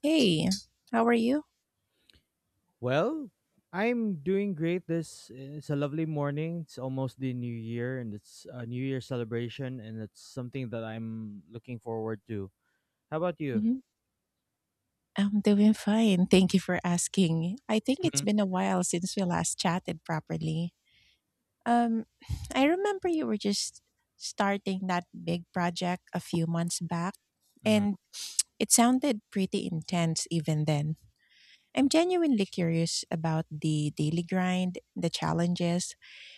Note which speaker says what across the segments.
Speaker 1: Hey, how are you?
Speaker 2: Well, I'm doing great. This it's a lovely morning. It's almost the new year, and it's a new year celebration, and it's something that I'm looking forward to. How about you?
Speaker 1: hmm I'm doing fine. Thank you for asking. I think it's
Speaker 2: Hmm.
Speaker 1: been a while since we last chatted properly. Um, I remember you were just starting that big project a few months back,
Speaker 2: Hmm.
Speaker 1: and it sounded pretty intense even then. I'm genuinely curious about the daily grind, the challenges,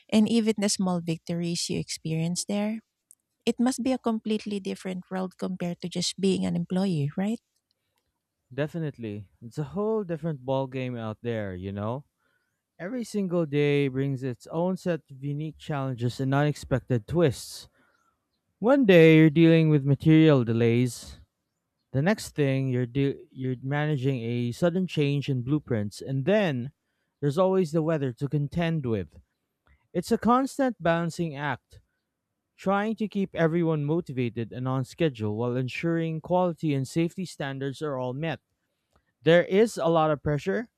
Speaker 1: and even the small victories you experience there. It must be a completely different world compared to just being an employee, right?
Speaker 2: Definitely, it's a whole different ball game out there. You know, every single day brings its own set of unique challenges and unexpected twists. One day you're dealing with material delays. The next thing you're managing a sudden change in blueprints, and then there's always the weather to contend with. It's a constant balancing act, trying to keep everyone motivated and on schedule while ensuring quality and safety standards are all met. There is a lot of pressure,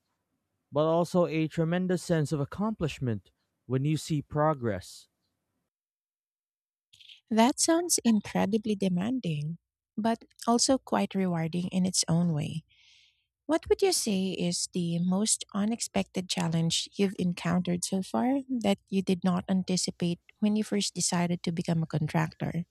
Speaker 2: but also a tremendous sense of accomplishment when you see progress.
Speaker 1: That sounds incredibly demanding, but also quite rewarding in its own way. What would you say is the most unexpected challenge you've encountered so far that you did not anticipate when you first decided to become a contractor?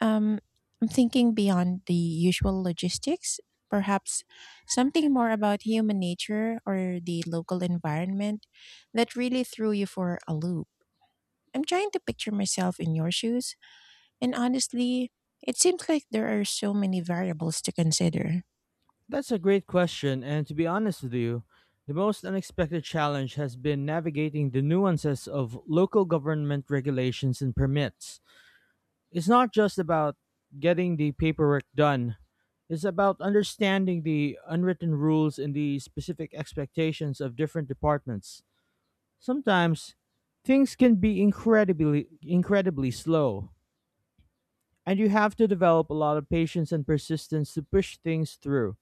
Speaker 1: Um, I'm thinking beyond the usual logistics, perhaps something more about human nature or the local environment that really threw you for a loop. I'm trying to picture myself in your shoes, and honestly, it seems like there are so many variables to consider.
Speaker 2: That's a great question, and to be honest with you, the most unexpected challenge has been navigating the nuances of local government regulations and permits. It's not just about getting the paperwork done, it's about understanding the unwritten rules and the specific expectations of different departments. Sometimes things can be incredibly slow, and you have to develop a lot of patience and persistence to push things through.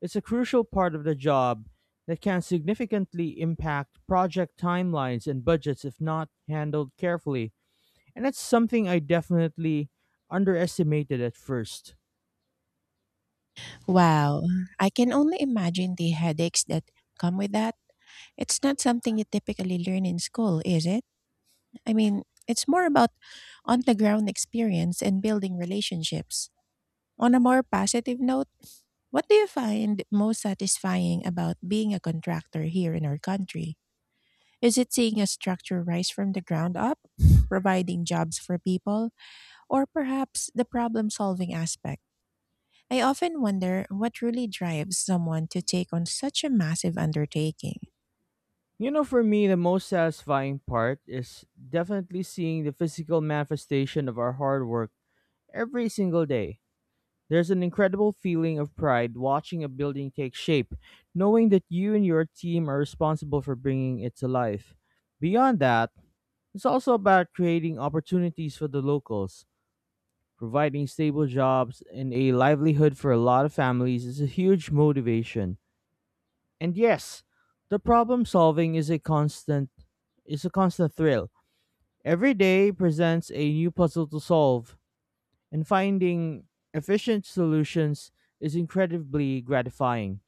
Speaker 2: It's a crucial part of the job that can significantly impact project timelines and budgets if not handled carefully. And that's something I definitely underestimated at first.
Speaker 1: Wow, I can only imagine the headaches that come with that. It's not something you typically learn in school, is it? I mean, it's more about on the ground experience and building relationships. On a more positive note, what do you find most satisfying about being a contractor here in our country? Is it seeing a structure rise from the ground up, providing jobs for people, or perhaps the problem solving aspect? I often wonder what really drives someone to take on such a massive undertaking.
Speaker 2: You know, for me, the most satisfying part is definitely seeing the physical manifestation of our hard work every single day. There's an incredible feeling of pride watching a building take shape, knowing that you and your team are responsible for bringing it to life. Beyond that, it's also about creating opportunities for the locals. Providing stable jobs and a livelihood for a lot of families is a huge motivation. And yes, the problem solving is a constant thrill. Every day presents a new puzzle to solve, and finding efficient solutions is incredibly gratifying.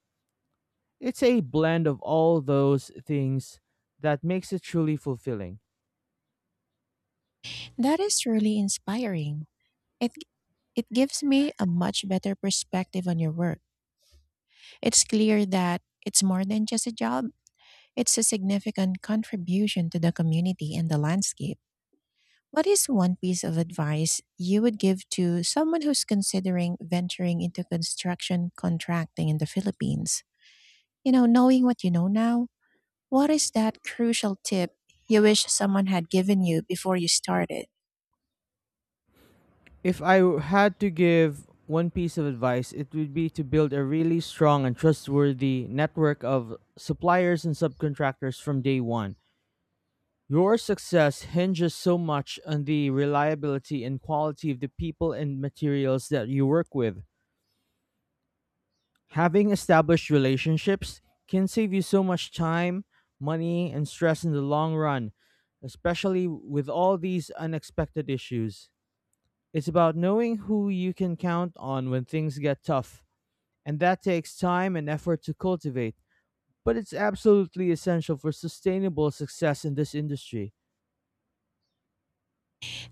Speaker 2: It's a blend of all those things that makes it truly fulfilling.
Speaker 1: That is really inspiring. It, it gives me a much better perspective on your work. It's clear that it's more than just a job; it's a significant contribution to the community and the landscape. What is one piece of advice you would give to someone who's considering venturing into construction contracting in the Philippines? You know, knowing what you know now, what is that crucial tip you wish someone had given you before you started?
Speaker 2: If I had to give one piece of advice, it would be to build a really strong and trustworthy network of suppliers and subcontractors from day one. Your success hinges so much on the reliability and quality of the people and materials that you work with. Having established relationships can save you so much time, money, and stress in the long run, especially with all these unexpected issues. It's about knowing who you can count on when things get tough, and that takes time and effort to cultivate, but it's absolutely essential for sustainable success in this industry.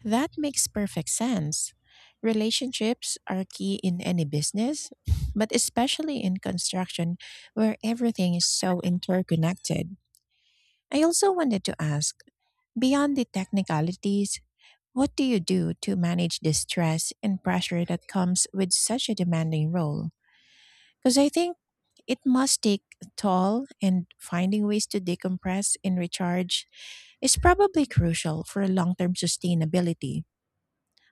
Speaker 1: That makes perfect sense. Relationships are key in any business, but especially in construction, where everything is so interconnected. I also wanted to ask, beyond the technicalities, what do you do to manage the stress and pressure that comes with such a demanding role? Because I think it must take a toll, and finding ways to decompress and recharge is probably crucial for long term sustainability.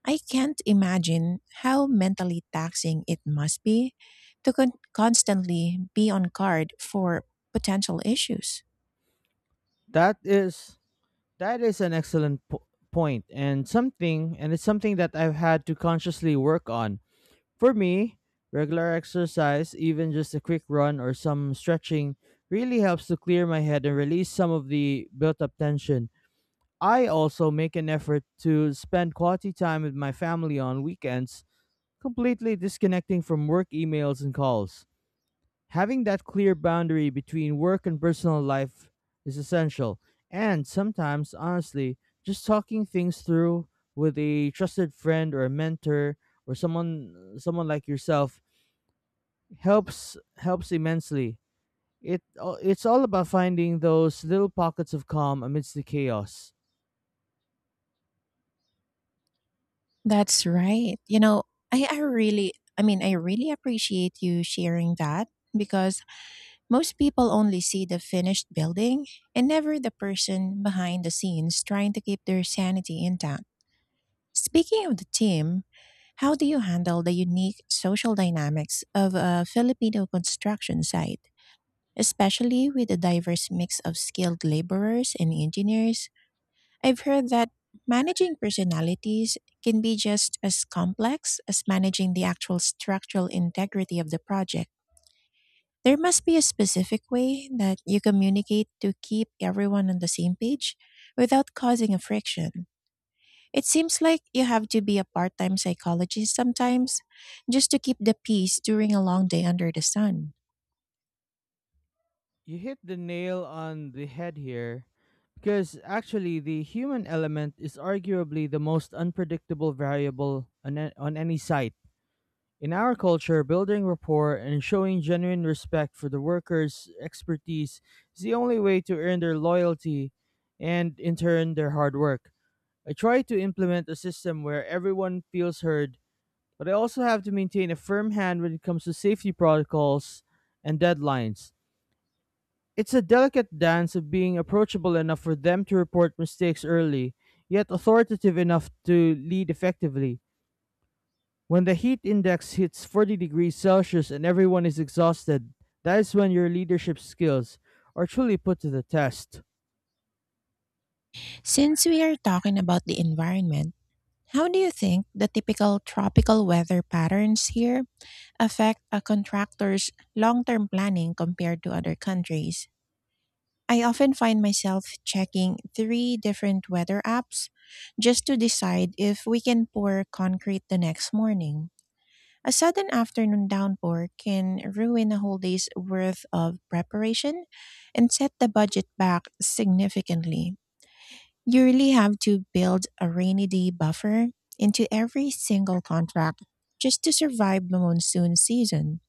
Speaker 1: I can't imagine how mentally taxing it must be to constantly be on guard for potential issues.
Speaker 2: That is that is an excellent point, and something and it's something that I've had to consciously work on. For me, regular exercise, even just a quick run or some stretching, really helps to clear my head and release some of the built up tension. I also make an effort to spend quality time with my family on weekends, completely disconnecting from work emails and calls. Having that clear boundary between work and personal life is essential, and sometimes, honestly, just talking things through with a trusted friend or a mentor or someone like yourself helps immensely. It it's all about finding those little pockets of calm amidst the chaos.
Speaker 1: That's right. You know, I really, I mean, I really appreciate you sharing that, because most people only see the finished building and never the person behind the scenes trying to keep their sanity intact. Speaking of the team, how do you handle the unique social dynamics of a Filipino construction site, especially with a diverse mix of skilled laborers and engineers? I've heard that managing personalities can be just as complex as managing the actual structural integrity of the project. There must be a specific way that you communicate to keep everyone on the same page without causing a friction. It seems like you have to be a part time psychologist sometimes, just to keep the peace during a long day under the sun.
Speaker 2: You hit the nail on the head here, because actually the human element is arguably the most unpredictable variable on, on any site. In our culture, building rapport and showing genuine respect for the workers expertise is the only way to earn their loyalty and in turn their hard work. I try to implement a system where everyone feels heard, but I also have to maintain a firm hand when it comes to safety protocols and deadlines. It's a delicate dance of being approachable enough for them to report mistakes early, yet authoritative enough to lead effectively. When the heat index hits 40 degrees Celsius and everyone is exhausted, that is when your leadership skills are truly put to the test.
Speaker 1: Since we are talking about the environment, how do you think the typical tropical weather patterns here affect a contractor's long term planning compared to other countries? I often find myself checking three different weather apps just to decide if we can pour concrete the next morning. A sudden afternoon downpour can ruin a whole day's worth of preparation and set the budget back significantly. You really have to build a rainy day buffer into every single contract just to survive the monsoon season.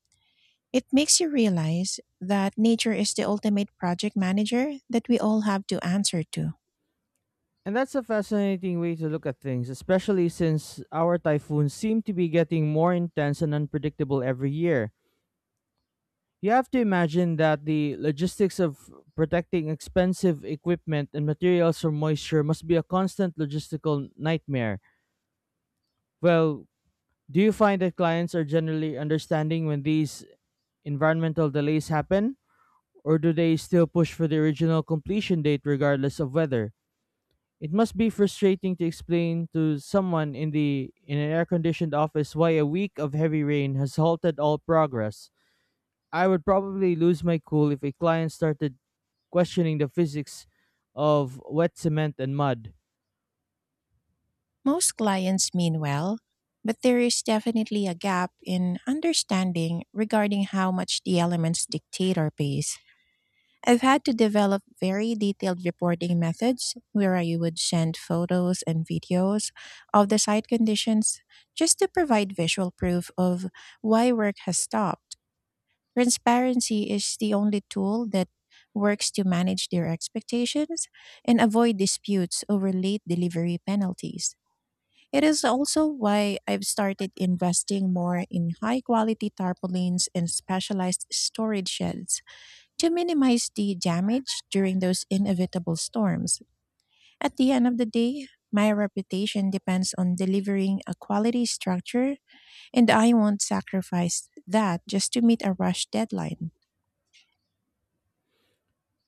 Speaker 1: It makes you realize that nature is the ultimate project manager that we all have to answer to.
Speaker 2: And that's a fascinating way to look at things, especially since our typhoons seem to be getting more intense and unpredictable every year. You have to imagine that the logistics of protecting expensive equipment and materials from moisture must be a constant logistical nightmare. Well, do you find that clients are generally understanding when these environmental delays happen? Or do they still push for the original completion date regardless of weather? It must be frustrating to explain to someone in the in an air-conditioned office why a week of heavy rain has halted all progress. I would probably lose my cool if a client started questioning the physics of wet cement and mud.
Speaker 1: Most clients mean well, but there is definitely a gap in understanding regarding how much the elements dictate our pace. I've had to develop very detailed reporting methods, where I would send photos and videos of the site conditions just to provide visual proof of why work has stopped. Transparency is the only tool that works to manage their expectations and avoid disputes over late delivery penalties. It is also why I've started investing more in high quality tarpaulins and specialized storage sheds, to minimize the damage during those inevitable storms. At the end of the day, my reputation depends on delivering a quality structure, and I won't sacrifice that just to meet a rush deadline.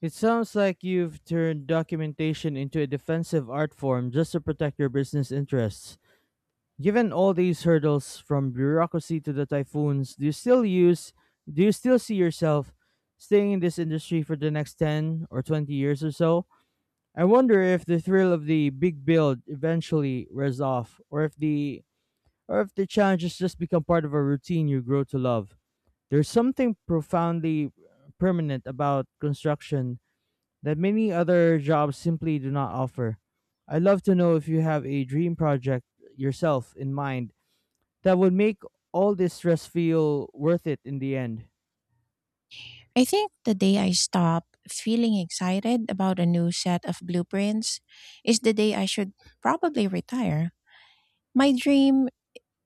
Speaker 2: It sounds like you've turned documentation into a defensive art form just to protect your business interests. Given all these hurdles from bureaucracy to the typhoons, do you still see yourself staying in this industry for the next 10 or 20 years or so? I wonder if the thrill of the big build eventually wears off, or if the challenges just become part of a routine you grow to love. There's something profoundly permanent about construction that many other jobs simply do not offer. I'd love to know if you have a dream project yourself in mind that would make all this stress feel worth it in the end.
Speaker 1: I think the day I stop feeling excited about a new set of blueprints is the day I should probably retire. My dream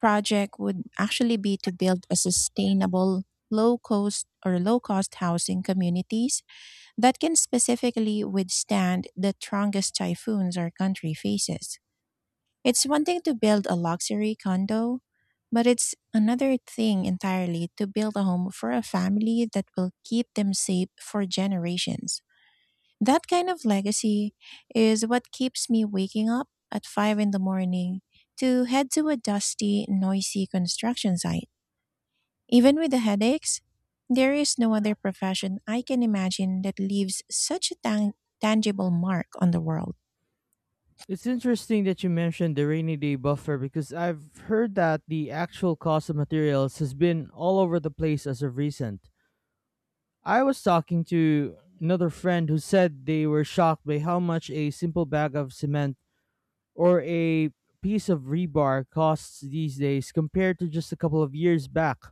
Speaker 1: project would actually be to build a sustainable low cost or low cost housing communities that can specifically withstand the strongest typhoons our country faces. It's one thing to build a luxury condo, but it's another thing entirely to build a home for a family that will keep them safe for generations. That kind of legacy is what keeps me waking up at 5 in the morning to head to a dusty, noisy construction site. Even with the headaches, there is no other profession I can imagine that leaves such a tangible mark on the world.
Speaker 2: It's interesting that you mentioned the rainy day buffer, because I've heard that the actual cost of materials has been all over the place as of recent. I was talking to another friend who said they were shocked by how much a simple bag of cement or a piece of rebar costs these days compared to just a couple of years back.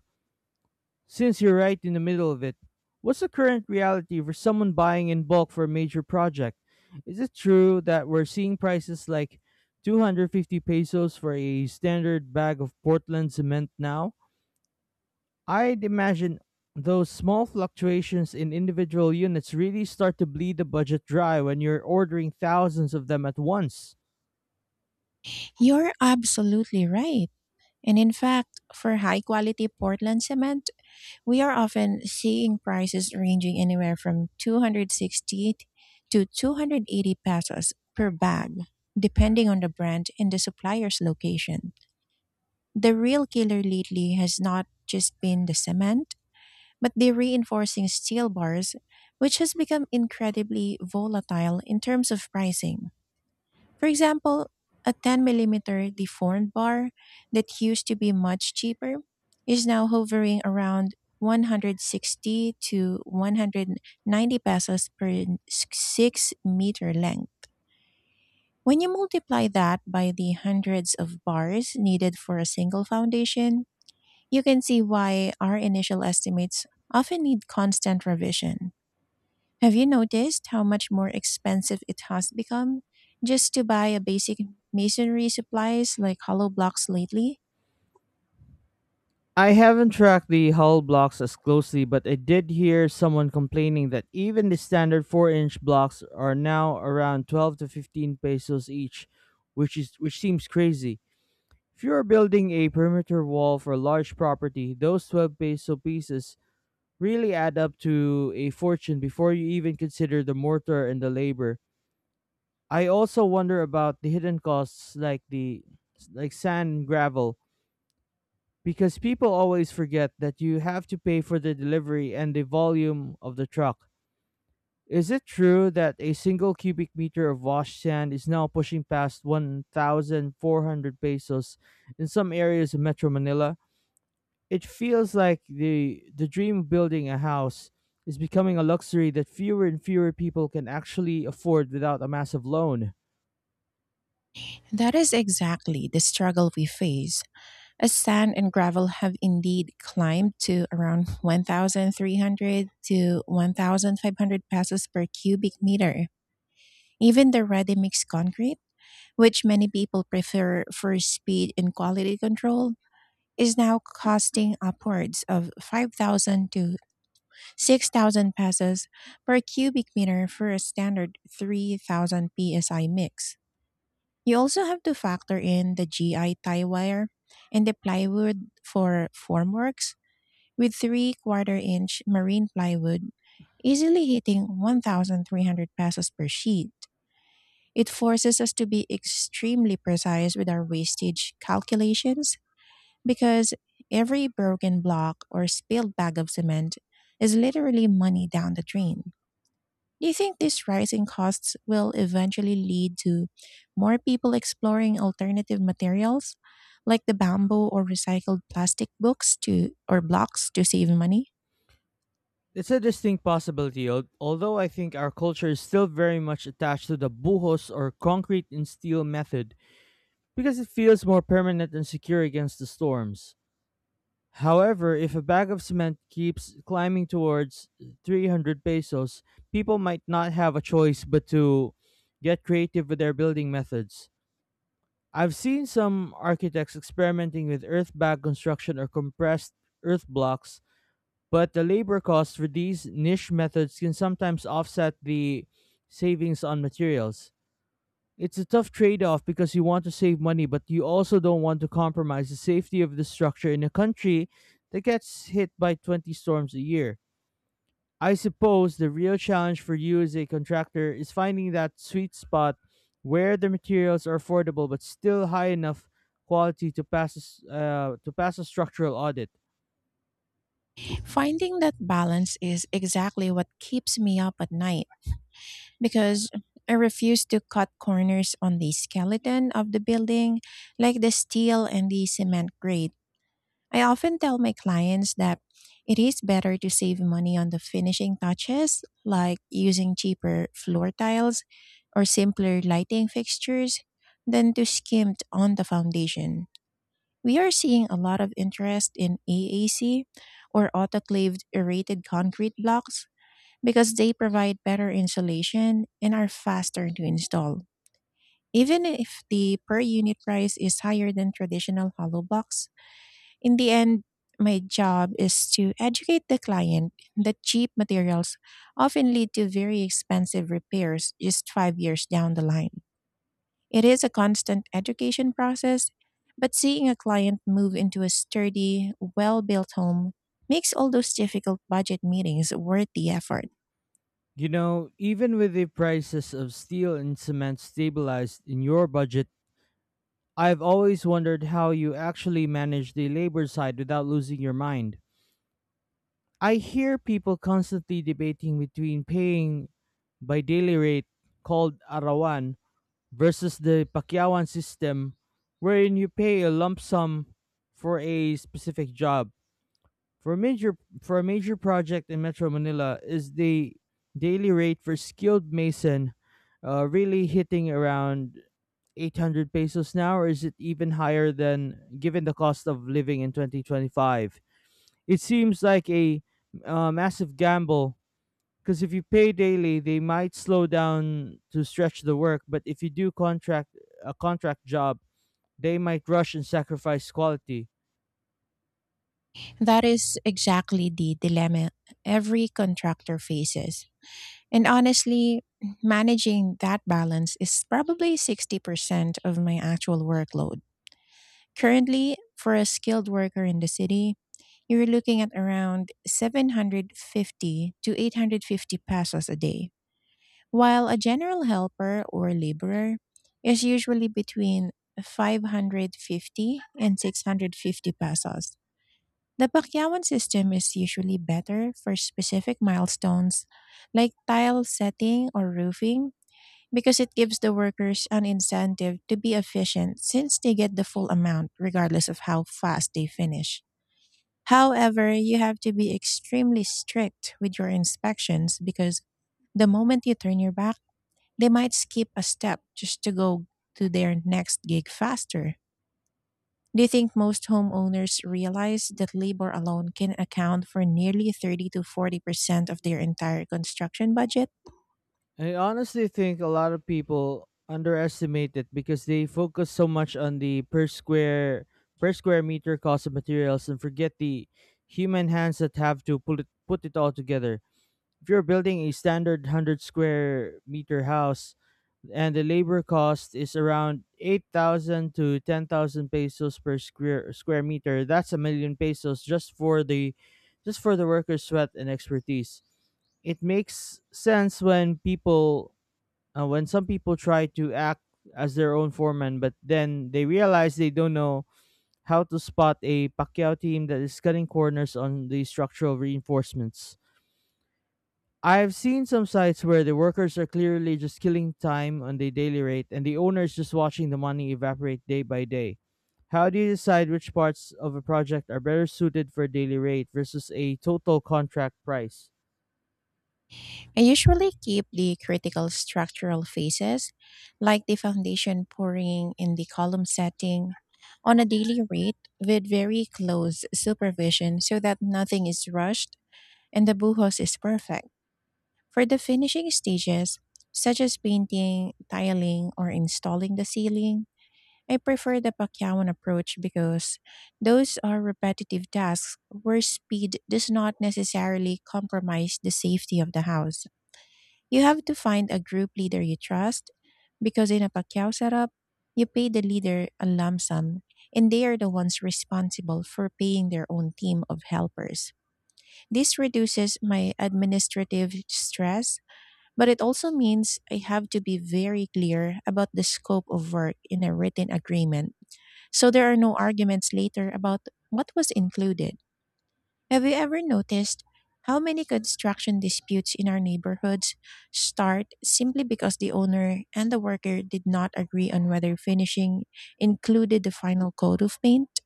Speaker 2: Since you're right in the middle of it, what's the current reality for someone buying in bulk for a major project? Is it true that we're seeing prices like 250 pesos for a standard bag of Portland cement now? I'd imagine those small fluctuations in individual units really start to bleed the budget dry when you're ordering thousands of them at once.
Speaker 1: You're absolutely right. And in fact, for high quality Portland cement, we are often seeing prices ranging anywhere from 260 to 280 pesos per bag, depending on the brand and the supplier's location. The real killer lately has not just been the cement, but the reinforcing steel bars, which has become incredibly volatile in terms of pricing. For example, a 10 millimeter deformed bar that used to be much cheaper is now hovering around 160 to 190 pesos per 6-meter length. When you multiply that by the hundreds of bars needed for a single foundation, you can see why our initial estimates often need constant revision. Have you noticed how much more expensive it has become just to buy a basic masonry supplies like hollow blocks lately?
Speaker 2: I haven't tracked the hull blocks as closely, but I did hear someone complaining that even the standard 4-inch blocks are now around 12 to 15 pesos each, which seems crazy. If you are building a perimeter wall for a large property, those 12 peso pieces really add up to a fortune before you even consider the mortar and the labor. I also wonder about the hidden costs, like the like sand and gravel, because people always forget that you have to pay for the delivery and the volume of the truck. Is it true that a single cubic meter of washed sand is now pushing past 1,400 pesos in some areas of Metro Manila? It feels like the dream of building a house is becoming a luxury that fewer and fewer people can actually afford without a massive loan.
Speaker 1: That is exactly the struggle we face, as sand and gravel have indeed climbed to around 1,300 to 1,500 pesos per cubic meter. Even the ready mix concrete, which many people prefer for speed and quality control, is now costing upwards of 5,000 to 6,000 pesos per cubic meter for a standard 3,000 psi mix. You also have to factor in the GI tie wire and the plywood for formworks, with 3 quarter inch marine plywood easily hitting 1,300 pesos per sheet. It forces us to be extremely precise with our wastage calculations, because every broken block or spilled bag of cement is literally money down the drain. Do you think these rising costs will eventually lead to more people exploring alternative materials, like the bamboo or recycled plastic books to or blocks, to save money?
Speaker 2: It's a distinct possibility, although I think our culture is still very much attached to the buhos or concrete and steel method, because it feels more permanent and secure against the storms. However, if a bag of cement keeps climbing towards 300 pesos, people might not have a choice but to get creative with their building methods. I've seen some architects experimenting with earth bag construction or compressed earth blocks, but the labor costs for these niche methods can sometimes offset the savings on materials. It's a tough trade off, because you want to save money, but you also don't want to compromise the safety of the structure in a country that gets hit by 20 storms a year. I suppose the real challenge for you as a contractor is finding that sweet spot where the materials are affordable but still high enough quality to pass to pass a structural audit.
Speaker 1: Finding that balance is exactly what keeps me up at night, because I refuse to cut corners on the skeleton of the building, like the steel and the cement grate. I often tell my clients that it is better to save money on the finishing touches, like using cheaper floor tiles or simpler lighting fixtures, than to skimp on the foundation. We are seeing a lot of interest in AAC, or autoclaved aerated concrete blocks, because they provide better insulation and are faster to install. Even if the per unit price is higher than traditional hollow blocks, in the end, my job is to educate the client that cheap materials often lead to very expensive repairs just 5 years down the line. It is a constant education process, but seeing a client move into a sturdy, well built home makes all those difficult budget meetings worth the effort.
Speaker 2: You know, even with the prices of steel and cement stabilized in your budget, I've always wondered how you actually manage the labor side without losing your mind. I hear people constantly debating between paying by daily rate called arawan versus the Pakyawan system wherein you pay a lump sum for a specific job. For a major for a major project in Metro Manila, is the daily rate for skilled mason really hitting around 800 pesos now, or is it even higher than given the cost of living in 2025? It seems like a massive gamble, because if you pay daily, they might slow down to stretch the work, but if you do contract a contract job, they might rush and sacrifice quality.
Speaker 1: That is exactly the dilemma every contractor faces. And honestly, managing that balance is probably 60% of my actual workload. Currently, for a skilled worker in the city, you're looking at around 750 to 850 pesos a day, while a general helper or laborer is usually between 550 and 650 pesos. The Pakyawan system is usually better for specific milestones like tile setting or roofing, because it gives the workers an incentive to be efficient, since they get the full amount regardless of how fast they finish. However, you have to be extremely strict with your inspections, because the moment you turn your back, they might skip a step just to go to their next gig faster. Do you think most homeowners realize that labor alone can account for nearly 30 to 40% of their entire construction budget?
Speaker 2: I honestly think a lot of people underestimate it because they focus so much on the per square meter cost of materials and forget the human hands that have to put it all together. If you're building a standard 100 square meter house and the labor cost is around 8,000 to 10,000 pesos per square meter, that's a million pesos just for the workers' sweat and expertise. It makes sense when some people try to act as their own foreman, but then they realize they don't know how to spot a Pacquiao team that is cutting corners on the structural reinforcements. I've seen some sites where the workers are clearly just killing time on the daily rate and the owner is just watching the money evaporate day by day. How do you decide which parts of a project are better suited for daily rate versus a total contract price?
Speaker 1: I usually keep the critical structural phases, like the foundation pouring and the column setting, on a daily rate with very close supervision so that nothing is rushed and the buhos is perfect. For the finishing stages, such as painting, tiling, or installing the ceiling, I prefer the Pacquiao approach, because those are repetitive tasks where speed does not necessarily compromise the safety of the house. You have to find a group leader you trust because in a Pacquiao setup, you pay the leader a lump sum and they are the ones responsible for paying their own team of helpers. This reduces my administrative stress, but it also means I have to be very clear about the scope of work in a written agreement, so there are no arguments later about what was included. Have you ever noticed how many construction disputes in our neighborhoods start simply because the owner and the worker did not agree on whether finishing included the final coat of paint?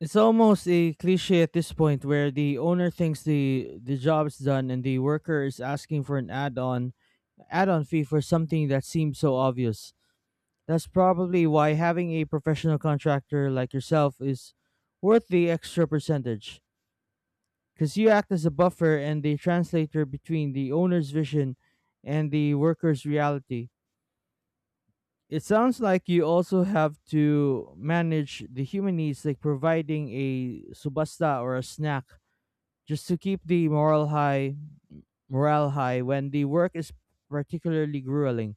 Speaker 2: It's almost a cliche at this point where the owner thinks the job is done and the worker is asking for an add-on fee for something that seems so obvious. That's probably why having a professional contractor like yourself is worth the extra percentage, cuz you act as a buffer and the translator between the owner's vision and the worker's reality. It sounds like you also have to manage the human needs, like providing a subasta or a snack, just to keep the morale high when the work is particularly grueling.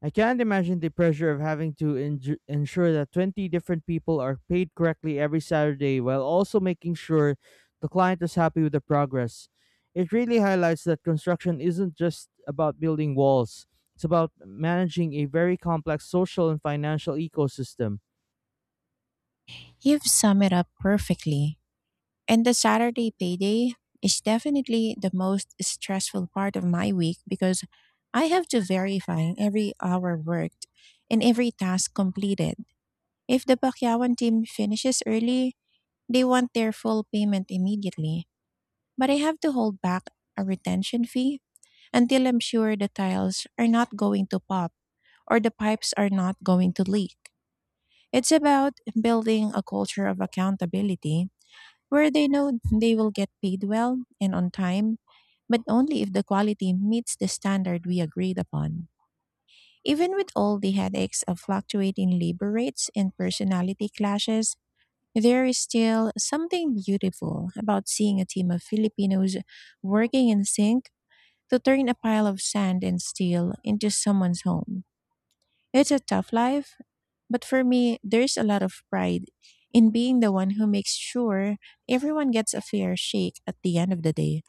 Speaker 2: I can't imagine the pressure of having to ensure that 20 different people are paid correctly every Saturday while also making sure the client is happy with the progress. It really highlights that construction isn't just about building walls; it's about managing a very complex social and financial ecosystem.
Speaker 1: You've summed it up perfectly. And the Saturday payday is definitely the most stressful part of my week, because I have to verify every hour worked and every task completed. If the Pakyawan team finishes early, they want their full payment immediately, but I have to hold back a retention fee until I'm sure the tiles are not going to pop or the pipes are not going to leak. It's about building a culture of accountability where they know they will get paid well and on time, but only if the quality meets the standard we agreed upon. Even with all the headaches of fluctuating labor rates and personality clashes, there is still something beautiful about seeing a team of Filipinos working in sync to turn a pile of sand and steel into someone's home. It's a tough life, but for me, there's a lot of pride in being the one who makes sure everyone gets a fair shake at the end of the day.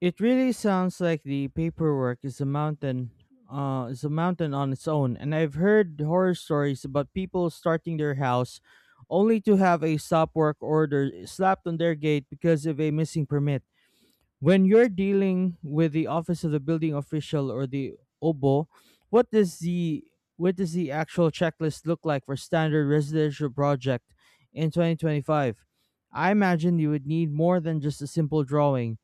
Speaker 2: It really sounds like the paperwork is a mountain on its own, and I've heard horror stories about people starting their house only to have a stop work order slapped on their gate because of a missing permit. When you're dealing with the office of the building official, or the OBO, what does the what does the actual checklist look like for standard residential project in 2025? I imagine you would need more than just a simple drawing.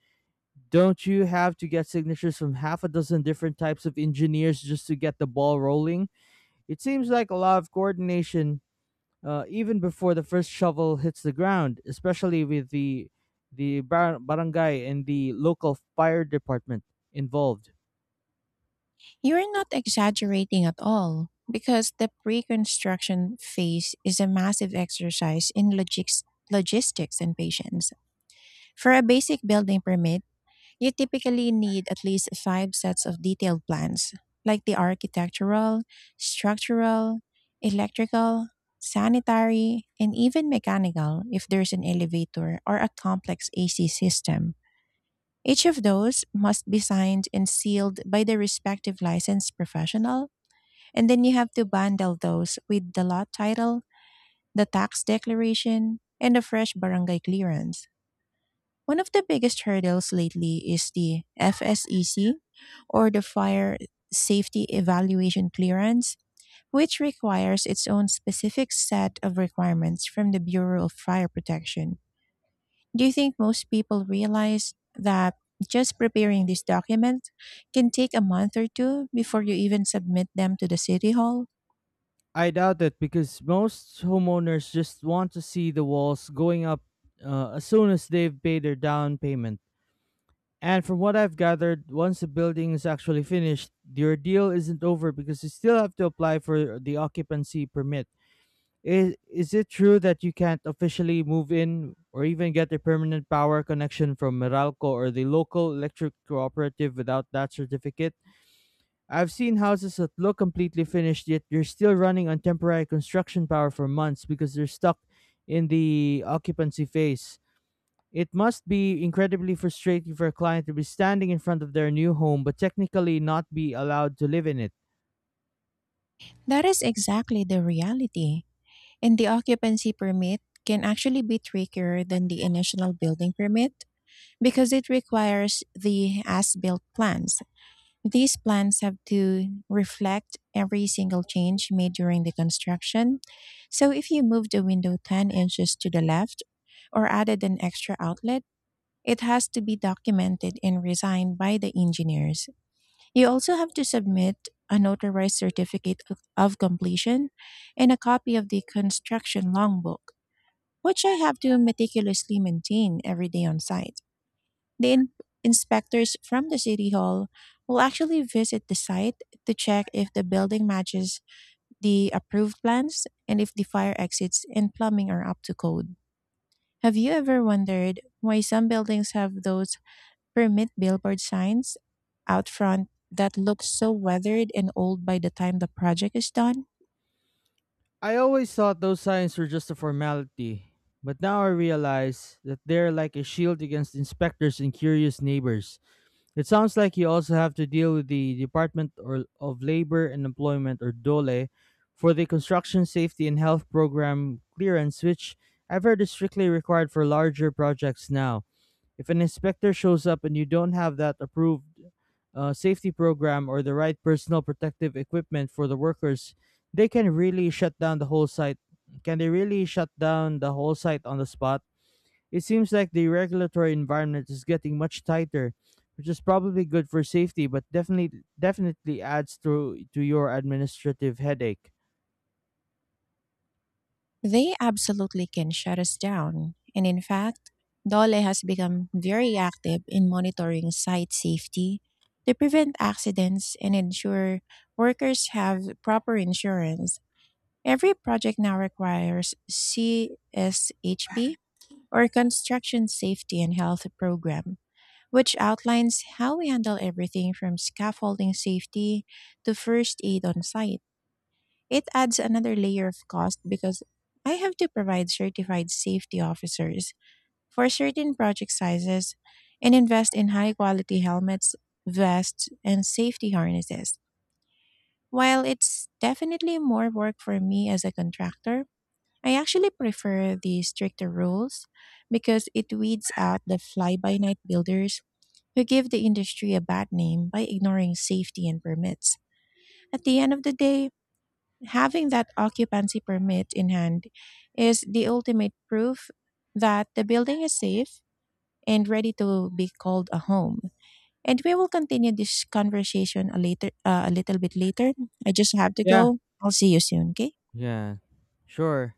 Speaker 2: Don't you have to get signatures from half a dozen different types of engineers just to get the ball rolling? It seems like a lot of coordination, even before the first shovel hits the ground, especially with the barangay and the local fire department involved.
Speaker 1: You're not exaggerating at all, because the pre construction phase is a massive exercise in logics, logistics, and patience. For a basic building permit, you typically need at least five sets of detailed plans, like the architectural, structural, electrical, sanitary, and even mechanical if there's an elevator or a complex AC system. Each of those must be signed and sealed by the respective licensed professional, and then you have to bundle those with the lot title, the tax declaration, and a fresh barangay clearance. One of the biggest hurdles lately is the FSEC, or the Fire Safety Evaluation Clearance, which requires its own specific set of requirements from the Bureau of Fire Protection. Do you think most people realize that just preparing this document can take a month or two before you even submit them to the City Hall?
Speaker 2: I doubt it, because most homeowners just want to see the walls going up as soon as they've paid their down payment. And from what I've gathered, once the building is actually finished, your deal isn't over, because you still have to apply for the occupancy permit. Is it true that you can't officially move in or even get a permanent power connection from Meralco or the local electric cooperative without that certificate? I've seen houses that look completely finished, yet you're still running on temporary construction power for months because they're stuck in the occupancy phase. It must be incredibly frustrating for a client to be standing in front of their new home but technically not be allowed to live in it.
Speaker 1: That is exactly the reality. And the occupancy permit can actually be trickier than the initial building permit, because it requires the as-built plans. These plans have to reflect every single change made during the construction. So if you moved a window 10 inches to the left or added an extra outlet, it has to be documented and resigned by the engineers. You also have to submit an authorized certificate of completion and a copy of the construction logbook, which I have to meticulously maintain every day on site. The inspectors from the City Hall will actually visit the site to check if the building matches the approved plans and if the fire exits and plumbing are up to code. Have you ever wondered why some buildings have those permit billboard signs out front that look so weathered and old by the time the project is done?
Speaker 2: I always thought those signs were just a formality, but now I realize that they're like a shield against inspectors and curious neighbors. It sounds like you also have to deal with the Department of Labor and Employment, or DOLE, for the construction safety and health program clearance, which I've heard is strictly required for larger projects now. If an inspector shows up and you don't have that approved safety program or the right personal protective equipment for the workers, they can really shut down the whole site. Can they really shut down the whole site on the spot? It seems like the regulatory environment is getting much tighter, which is probably good for safety, but definitely adds to your administrative headache.
Speaker 1: They absolutely can shut us down. And in fact, Dole has become very active in monitoring site safety to prevent accidents and ensure workers have proper insurance. Every project now requires CSHP, or Construction Safety and Health Program, which outlines how we handle everything from scaffolding safety to first aid on site. It adds another layer of cost, because I have to provide certified safety officers for certain project sizes and invest in high quality helmets, vests, and safety harnesses. While it's definitely more work for me as a contractor, I actually prefer the stricter rules because it weeds out the fly by night builders who give the industry a bad name by ignoring safety and permits. At the end of the day, having that occupancy permit in hand is the ultimate proof that the building is safe and ready to be called a home. And we will continue this conversation a little bit later. I just have to
Speaker 2: Yeah.
Speaker 1: go. I'll see you soon, okay?
Speaker 2: Yeah. Sure.